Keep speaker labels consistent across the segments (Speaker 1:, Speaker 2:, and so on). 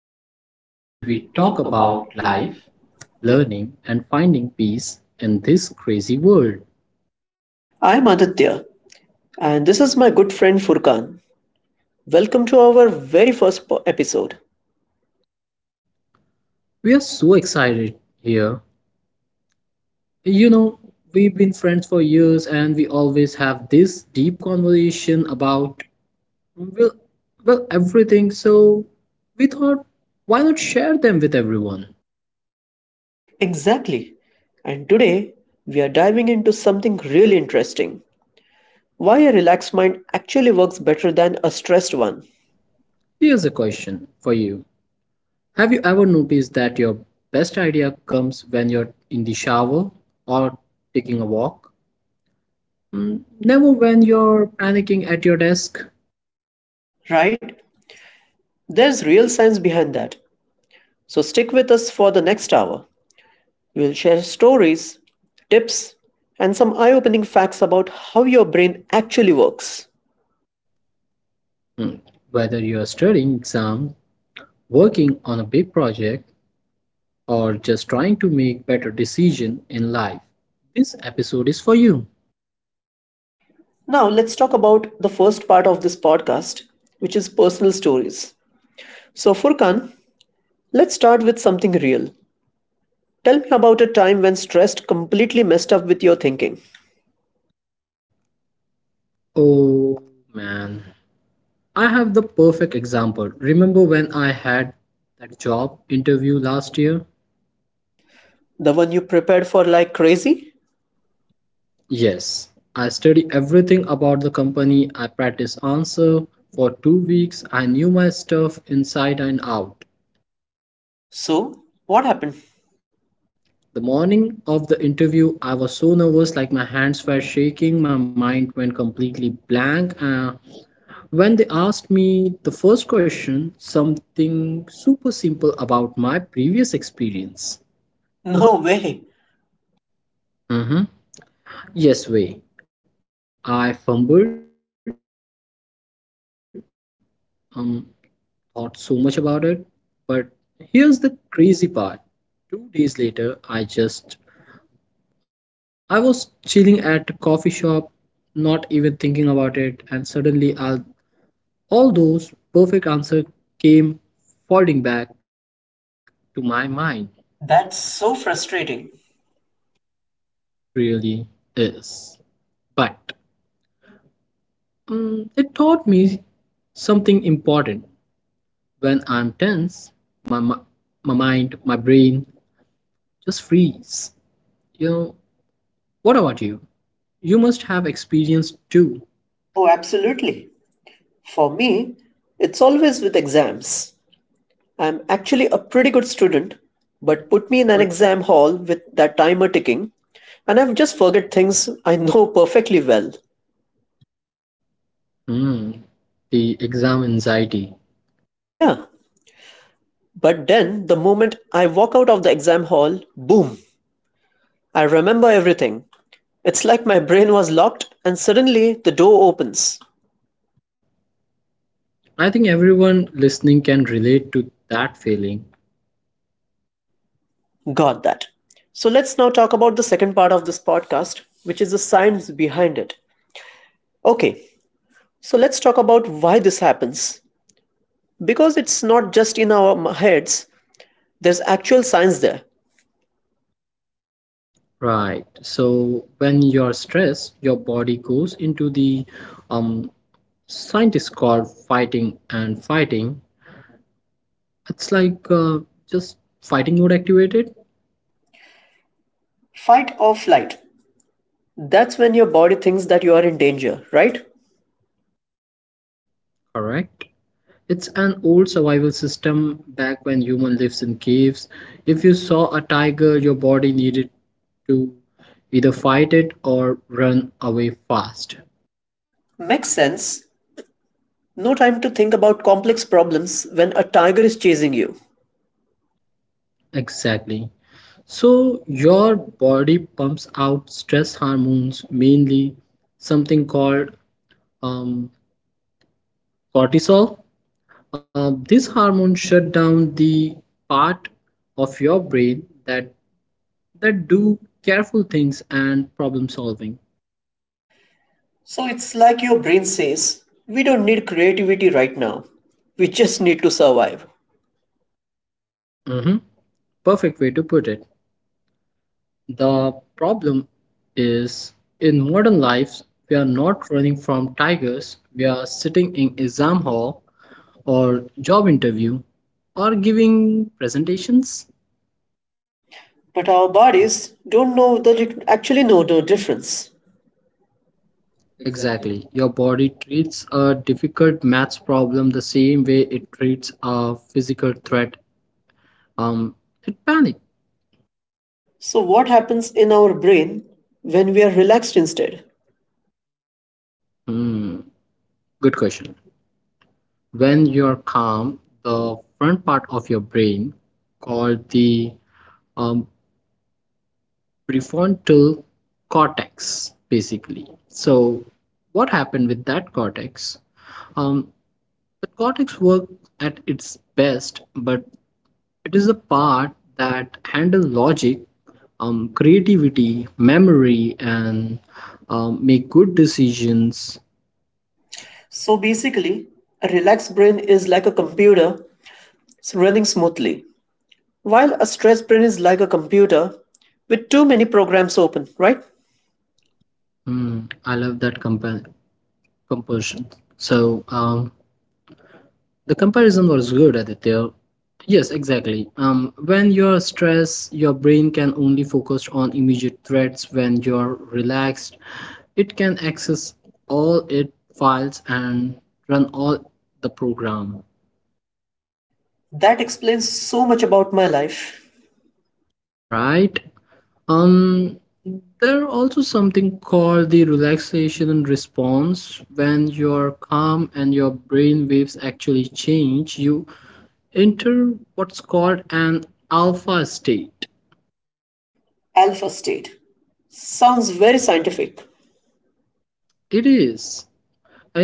Speaker 1: podcast where we talk about life, learning, and finding peace in this crazy world.
Speaker 2: I'm Aditya, and this is my good friend Furkan. Welcome to our very first episode.
Speaker 1: We are so excited here. You know, we've been friends for years and we always have this deep conversation about, well, well, everything. So we thought, why not share them with everyone?
Speaker 2: Exactly. And today, we are diving into something really interesting: why a relaxed mind actually works better than a stressed one.
Speaker 1: Here's a question for you. Have you ever noticed that your best idea comes when you're in the shower or taking a walk? Never when you're panicking at your desk.
Speaker 2: Right? There's real science behind that. So stick with us for the next hour. We'll share stories, tips, and some eye opening facts about how your brain actually works.
Speaker 1: Mm, Whether you're studying exams, working on a big project, or just trying to make better decisions in life, this episode is for you.
Speaker 2: Now, let's talk about the first part of this podcast, which is personal stories. So, Furkan, let's start with something real. Tell me about a time when stress completely messed up with your thinking.
Speaker 1: Oh man, I have the perfect example. Remember when I had that job interview last year?
Speaker 2: The one you prepared for like crazy?
Speaker 1: Yes, I study everything about the company. I practice answer for 2 weeks. I knew my stuff inside and out.
Speaker 2: So, what happened?
Speaker 1: The morning of the interview, I was so nervous, like my hands were shaking, my mind went completely blank. When they asked me the first question, something super simple about my previous experience.
Speaker 2: No
Speaker 1: No.
Speaker 2: way.
Speaker 1: Mm-hmm. Yes, way. I fumbled. Um, Thought so much about it. But here's the crazy part. 2 days later, I was chilling at a coffee shop, not even thinking about it, and suddenly all those perfect answers came folding back to my mind.
Speaker 2: That's so frustrating.
Speaker 1: It really is. But it taught me something important. When I'm tense, my, my mind, my brain just freeze. You know, What about you? You must have experienced too.
Speaker 2: Oh, absolutely. For me, it's always with exams. I'm actually a pretty good
Speaker 1: Student,
Speaker 2: student,
Speaker 1: but
Speaker 2: but put me in an exam hall with that timer ticking, and I've just forget things I know perfectly well.
Speaker 1: Hmm, the exam anxiety.
Speaker 2: Yeah, but then the moment I walk out of the exam hall, boom, I remember everything. It's like my brain was locked and suddenly the door opens.
Speaker 1: I think everyone listening can relate to that feeling.
Speaker 2: Got that. So let's now talk about the second part of this podcast, which is the science behind it. Okay, so let's talk about why this happens. Because it's not just in our heads, there's actual science there.
Speaker 1: Right. So when you're stressed, your body goes into the um scientists call fighting and fighting. It's like just fighting mode activated.
Speaker 2: Fight or flight. That's when your body thinks that you are in danger, right?
Speaker 1: Correct. It's an old survival system back when human lives in caves. If you saw a tiger, your body needed to either fight it or run away fast.
Speaker 2: Makes sense. No time to think about complex problems when a tiger is chasing you.
Speaker 1: Exactly. So your body pumps out stress hormones, mainly something called um, cortisol. This hormone shut down the part of your brain that do careful things and problem solving.
Speaker 2: So it's like your brain says, we don't need creativity right now. We just need to survive.
Speaker 1: Mhm. Perfect way to put it. The problem is, in modern lives, we are not running from tigers, we are sitting in exam hall or job interview or giving presentations.
Speaker 2: But our bodies don't know the actually know the difference.
Speaker 1: Exactly. Your body treats a difficult maths problem the same way it treats a physical threat. Um, it panic.
Speaker 2: So what happens in our brain when we are relaxed instead?
Speaker 1: Hmm. Good question. When you're calm, the front part of your brain, called the um, prefrontal cortex, basically, so what happened with that cortex, um, the cortex works at its best, but it is the part that handles logic, creativity, memory, and make good decisions.
Speaker 2: So basically, a relaxed brain is like a computer running smoothly, while a stressed brain is like a computer with too many programs open, right?
Speaker 1: Hmm, I love that composition. So, um, The comparison was good, Aditya. Yes, exactly. When you're stressed, your brain can only focus on immediate threats. When you're relaxed, it can access all its files and run all the program,
Speaker 2: That explains so much about my life.
Speaker 1: right? Um, there are also something called the relaxation response. When you're calm and your brain waves actually change, you enter what's called an alpha state.
Speaker 2: Alpha state sounds very scientific.
Speaker 1: It is.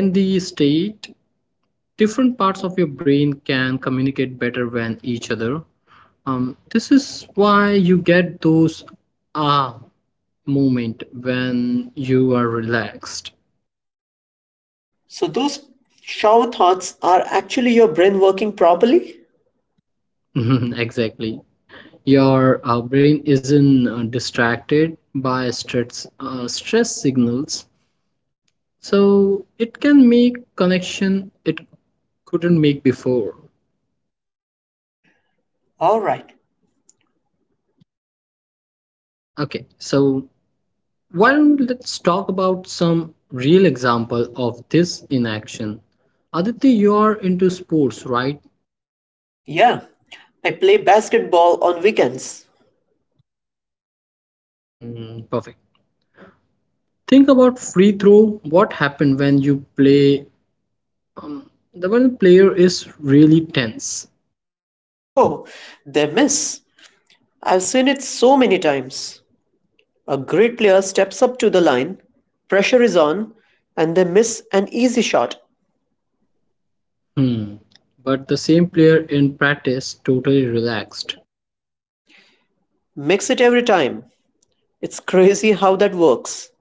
Speaker 1: In the state, different parts of your brain can communicate better with each other. This is why you get those ah moment when you are relaxed.
Speaker 2: So, those shower thoughts are actually your brain working properly?
Speaker 1: Exactly. Your brain isn't distracted by stress signals, so it can make connection it couldn't make before.
Speaker 2: Alright.
Speaker 1: Okay, so, well, let's talk about some real example of this in action. Aditi, you are into sports, right?
Speaker 2: Yeah. I play basketball on weekends.
Speaker 1: Mm, perfect. Think about free throw. What happened when you play? The one player is really tense.
Speaker 2: Oh, they miss. I've seen it so many times. A great player steps up to the line, pressure is on, and they miss an easy shot.
Speaker 1: Hmm. But the same player in practice totally relaxed.
Speaker 2: Makes it every time. It's crazy how that works.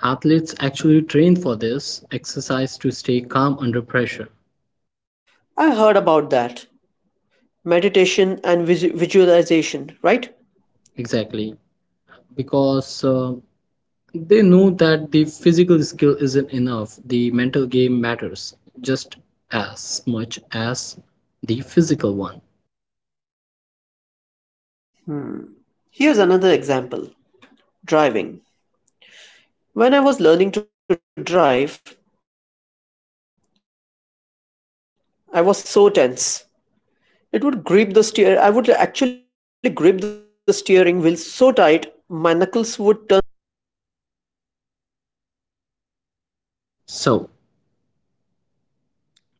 Speaker 1: Athletes actually train for this exercise to stay calm under pressure.
Speaker 2: I heard about that. Meditation and visualization, right?
Speaker 1: Exactly. Because they know that the physical skill isn't enough, the mental game matters just as much as the physical one.
Speaker 2: Here's another example: driving. When I was learning to drive, I was so tense. It would grip the steer, I would actually grip the steering wheel so tight, my knuckles would turn white.
Speaker 1: So,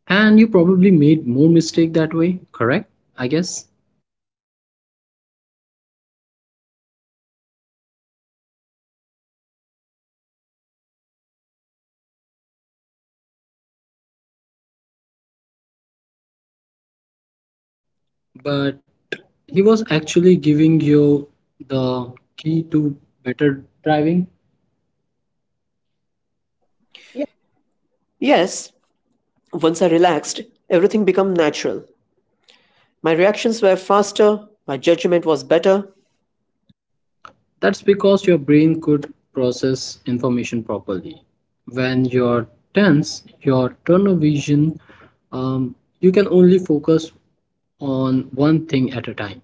Speaker 1: and you probably made more mistake that way, correct? I guess.
Speaker 2: So many. I couldn't park, I couldn't change those lanes smoothly. My instruction just kept telling me, relax, breathe. I just thought he was just being nice.
Speaker 1: But he was actually giving you the key to better driving.
Speaker 2: Yes, once I relaxed, everything became natural. My reactions were faster, my judgment was better.
Speaker 1: That's because your brain could process information properly. When you're tense, your tunnel vision, um, you can only focus on one thing at a time.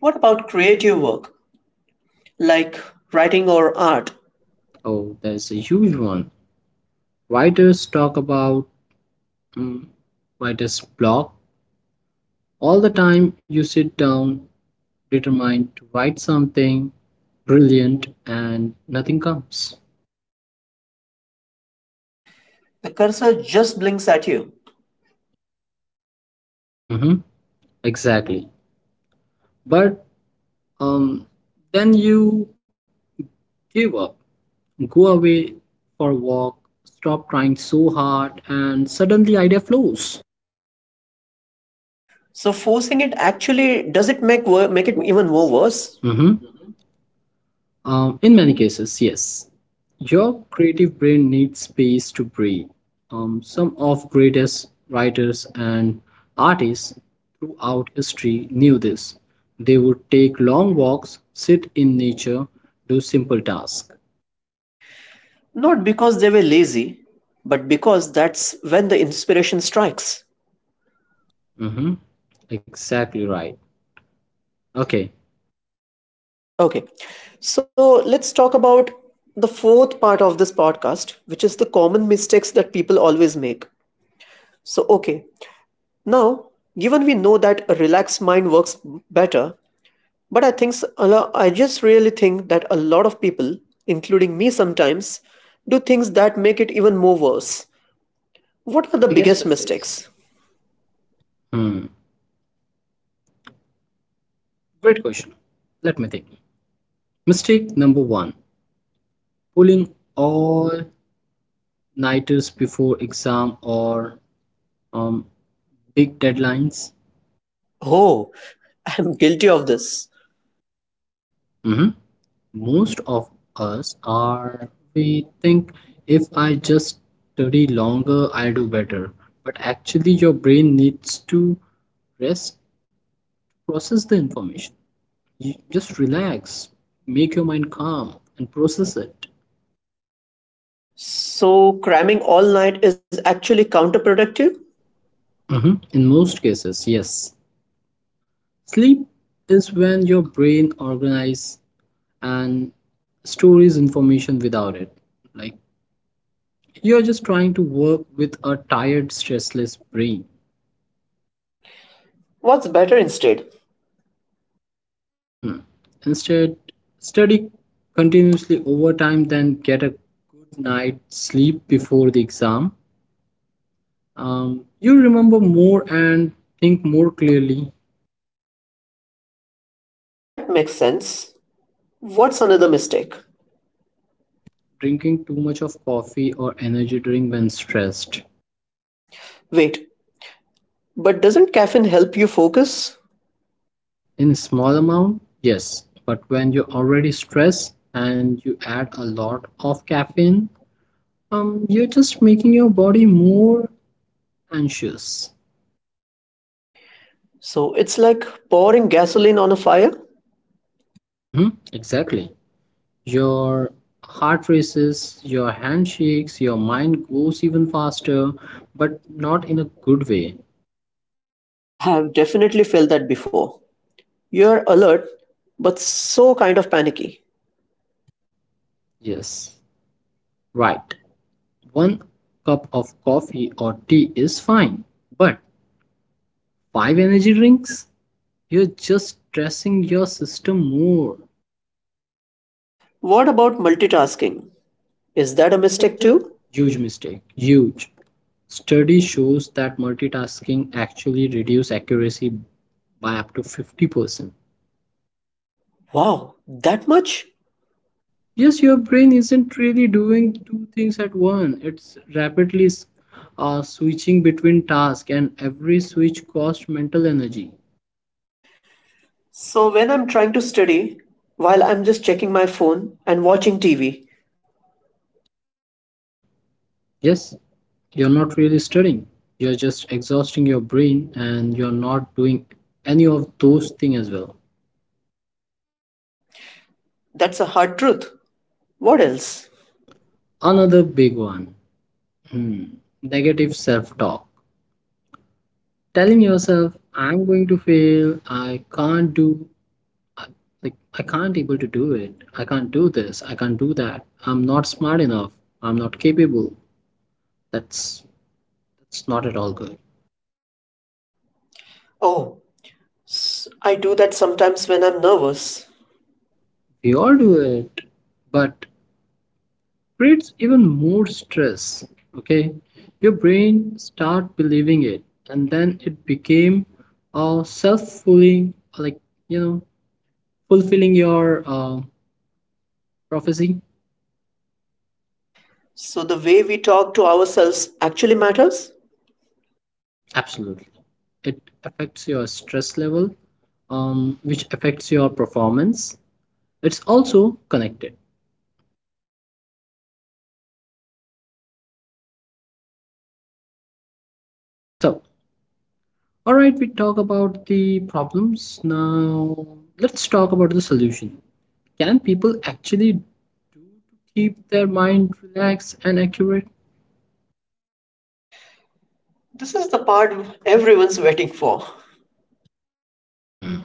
Speaker 2: What about creative work, like writing or art?
Speaker 1: Oh, there's a huge one. Writers talk about mm, writer's block all the time. You sit down, determined to write something brilliant, and nothing comes.
Speaker 2: The cursor just blinks at you.
Speaker 1: Mm-hmm, exactly. But um, then you give up, go away for a walk, stop trying so hard, and suddenly idea flows.
Speaker 2: So forcing it actually does it make
Speaker 1: Even
Speaker 2: it
Speaker 1: more
Speaker 2: even more
Speaker 1: worse,
Speaker 2: worse?
Speaker 1: mm-hmm. In many cases, yes. Your creative brain needs space to breathe. Some of greatest writers and artists throughout history knew this. They would take long walks, sit in nature, do simple tasks.
Speaker 2: Not because they were lazy, but because that's when the inspiration strikes.
Speaker 1: Mm-hmm. Exactly right. Okay.
Speaker 2: Okay. So let's talk about the fourth part of this podcast, which is the common mistakes that people always make. So, okay, now, given we know that a relaxed mind works better, but I think I just really think that a lot of people, including me sometimes, do things that make it even more worse.
Speaker 1: What are
Speaker 2: What are the
Speaker 1: the
Speaker 2: biggest
Speaker 1: biggest mistakes?
Speaker 2: mistakes?
Speaker 1: Hmm. Great question. Let me think. Mistake number one, pulling all nighters before exam or um, big deadlines.
Speaker 2: Oh, I'm guilty of this.
Speaker 1: Mhm. Most of us are, we think if I just study longer, I do better. But actually, your brain needs to rest, process the information. You just relax, make your mind calm, and process it.
Speaker 2: So, cramming all night is actually counterproductive?
Speaker 1: Mhm. In most cases, yes. Sleep is when your brain organizes and stores information without it. Like, you're just trying to work with a tired, stressless brain.
Speaker 2: What's better instead?
Speaker 1: Hmm. Instead, study continuously over time, then get a good night's sleep before the exam. You remember more and think more clearly.
Speaker 2: That makes sense. What's another mistake?
Speaker 1: Drinking too much of coffee or energy drink when stressed.
Speaker 2: Wait, but doesn't caffeine help you focus?
Speaker 1: In a small amount, yes, but when you're already stressed and you add a lot of caffeine, you're just making your body more anxious.
Speaker 2: So, it's like pouring gasoline on a fire?
Speaker 1: Mm-hmm, exactly. Your heart races, your hand shakes, your mind goes even faster, but not in a good way.
Speaker 2: I've definitely felt that before. You're alert, but so kind of panicky.
Speaker 1: Yes, right. One cup of coffee or tea is fine, but five energy drinks? You're just stressing your system more.
Speaker 2: What about multitasking? Is that a
Speaker 1: Mistake
Speaker 2: mistake
Speaker 1: two.
Speaker 2: too?
Speaker 1: Huge mistake. Huge. Study shows that multitasking actually reduce accuracy by up to 50%.
Speaker 2: Wow, that much?
Speaker 1: Yes, your brain isn't really doing two things at once. It's rapidly switching between tasks, and every switch costs mental energy.
Speaker 2: So, when I'm trying to study, while I'm just checking my phone and watching TV,
Speaker 1: Mhm. Yes, you're not really studying. You're just exhausting your brain, and you're not doing any of those things as well.
Speaker 2: that's a hard truth. What else?
Speaker 1: Another big one, hmm, negative self talk. Telling yourself, I'm going to fail, I can't do I, like I can't able to do it. I can't do this. I can't do that. I'm not smart enough. I'm not capable. That's that's not at all good.
Speaker 2: Oh, I do that sometimes when I'm nervous.
Speaker 1: We all do it, but creates even more stress. Okay, your brain start believing it, and then it became a self-fulfilling, you know, fulfilling your prophecy.
Speaker 2: So, the way we talk to ourselves actually matters?
Speaker 1: Absolutely, it affects your stress level, which affects your performance. It's also connected. So, all right, we talk about the problems. Now let's talk about the solution. Can people actually keep their mind relaxed and accurate?
Speaker 2: This is the part everyone's waiting for.
Speaker 1: Hmm.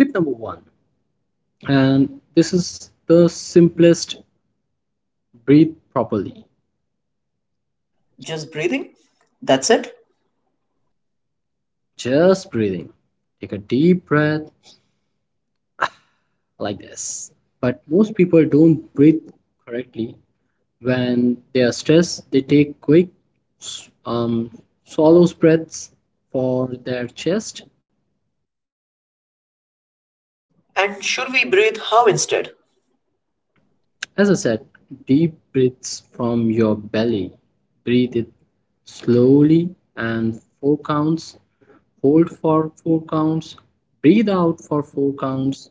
Speaker 1: Tip number one, and this is the simplest, breathe properly.
Speaker 2: Just breathing? That's it?
Speaker 1: Just breathing. Take a deep breath like this, but most people don't breathe correctly. When they are stressed, they take quick, swallow breaths for their chest.
Speaker 2: And should we breathe how instead?
Speaker 1: As I said, deep breaths from your belly. Breathe it slowly and four counts. Hold for four counts. Breathe out for four counts.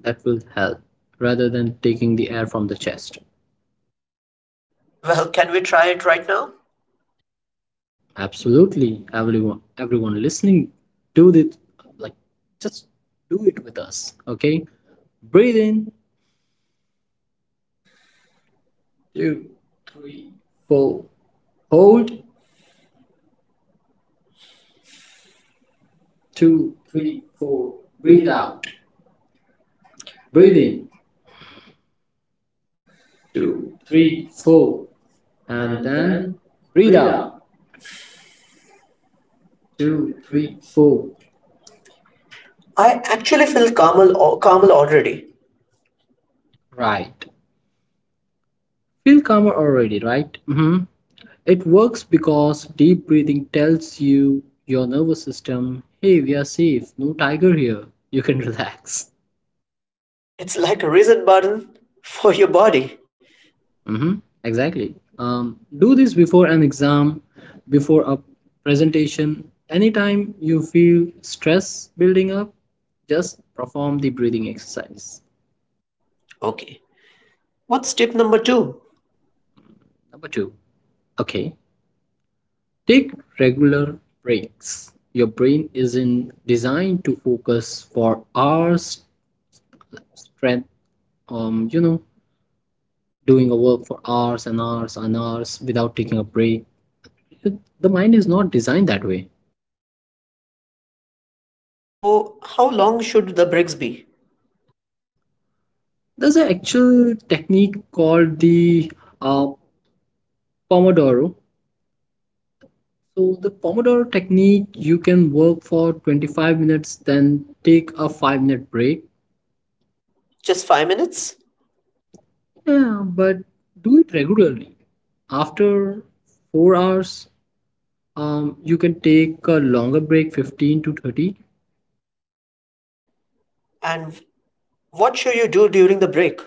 Speaker 1: That will help rather than taking the air from the chest.
Speaker 2: Well, can we try it right now?
Speaker 1: Absolutely. Everyone listening, do this, like, just do it with us. Okay? Breathe in, two, three, four. Hold, two, three, four. Breathe out. Breathe in, two, three, four. And then breathe out, two, three, four. I
Speaker 2: I
Speaker 1: actually
Speaker 2: actually
Speaker 1: feel
Speaker 2: feel
Speaker 1: calmer,
Speaker 2: calmer,
Speaker 1: calmer.
Speaker 2: calmer already.
Speaker 1: Right. Feel calmer already, right? It works because deep breathing tells you your nervous system, hey, we are safe, no tiger here, you can relax.
Speaker 2: It's like a reset button for your body.
Speaker 1: hmm Exactly. Do this before an exam, before a presentation. Anytime you feel stress building up, just perform the breathing exercise.
Speaker 2: Okay. What's tip number two?
Speaker 1: Number two, okay, take regular breaks. Your brain isn't designed to focus for hours strength, um you know doing a work for hours and hours and hours without taking a break. The mind is not designed that way.
Speaker 2: So, how long should the breaks be?
Speaker 1: There's an actual technique called the uh, pomodoro. So the pomodoro technique, you can work for 25 minutes then take a 5-minute break.
Speaker 2: Just 5 minutes?
Speaker 1: Yeah, but do it regularly. After 4 hours, you can take a longer break, 15 to 30.
Speaker 2: And what should you do during the break?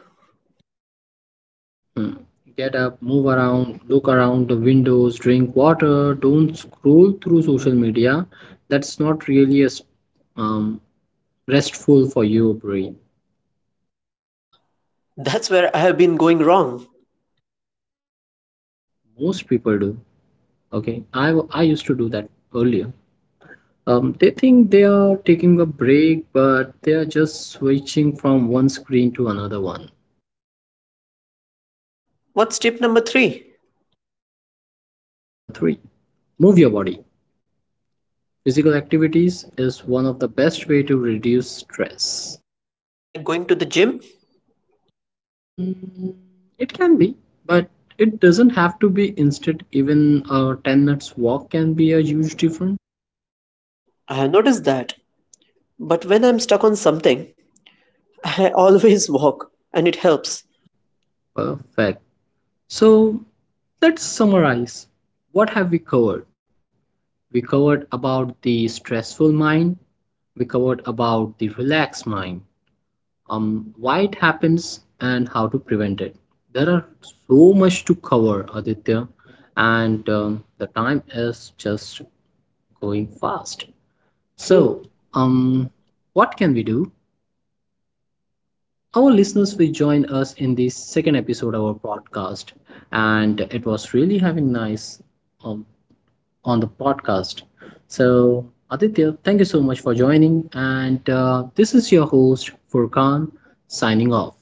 Speaker 1: Mm. Get up, move around, look around the windows, drink water, don't scroll through social media. That's not really a um, restful for your brain.
Speaker 2: Ah, that's where I have been going wrong.
Speaker 1: Most people do. Okay, I used to do that earlier. They think they are taking a break, but they are just switching from one screen to another one.
Speaker 2: What's tip number three?
Speaker 1: Hmm, the three. Move your body. Physical activities is one of the best way to reduce stress.
Speaker 2: Like going to the gym?
Speaker 1: Mm, it can be, but it doesn't have to be instant. Even a 10 minutes walk can be a huge difference.
Speaker 2: I have noticed that. But when I'm stuck on something, I always walk and it helps.
Speaker 1: Perfect. So, let's summarize. What have we covered? We covered about the stressful mind, we covered about the relaxed mind, why it happens and how to prevent it. There are so much to cover, Aditya, and the time is just going fast. So, um, what can we do? Our listeners will join us in the second episode of our podcast, and it was really having nice um, on the podcast. So, Aditya, thank you so much for joining, and this is your host Furkan signing off.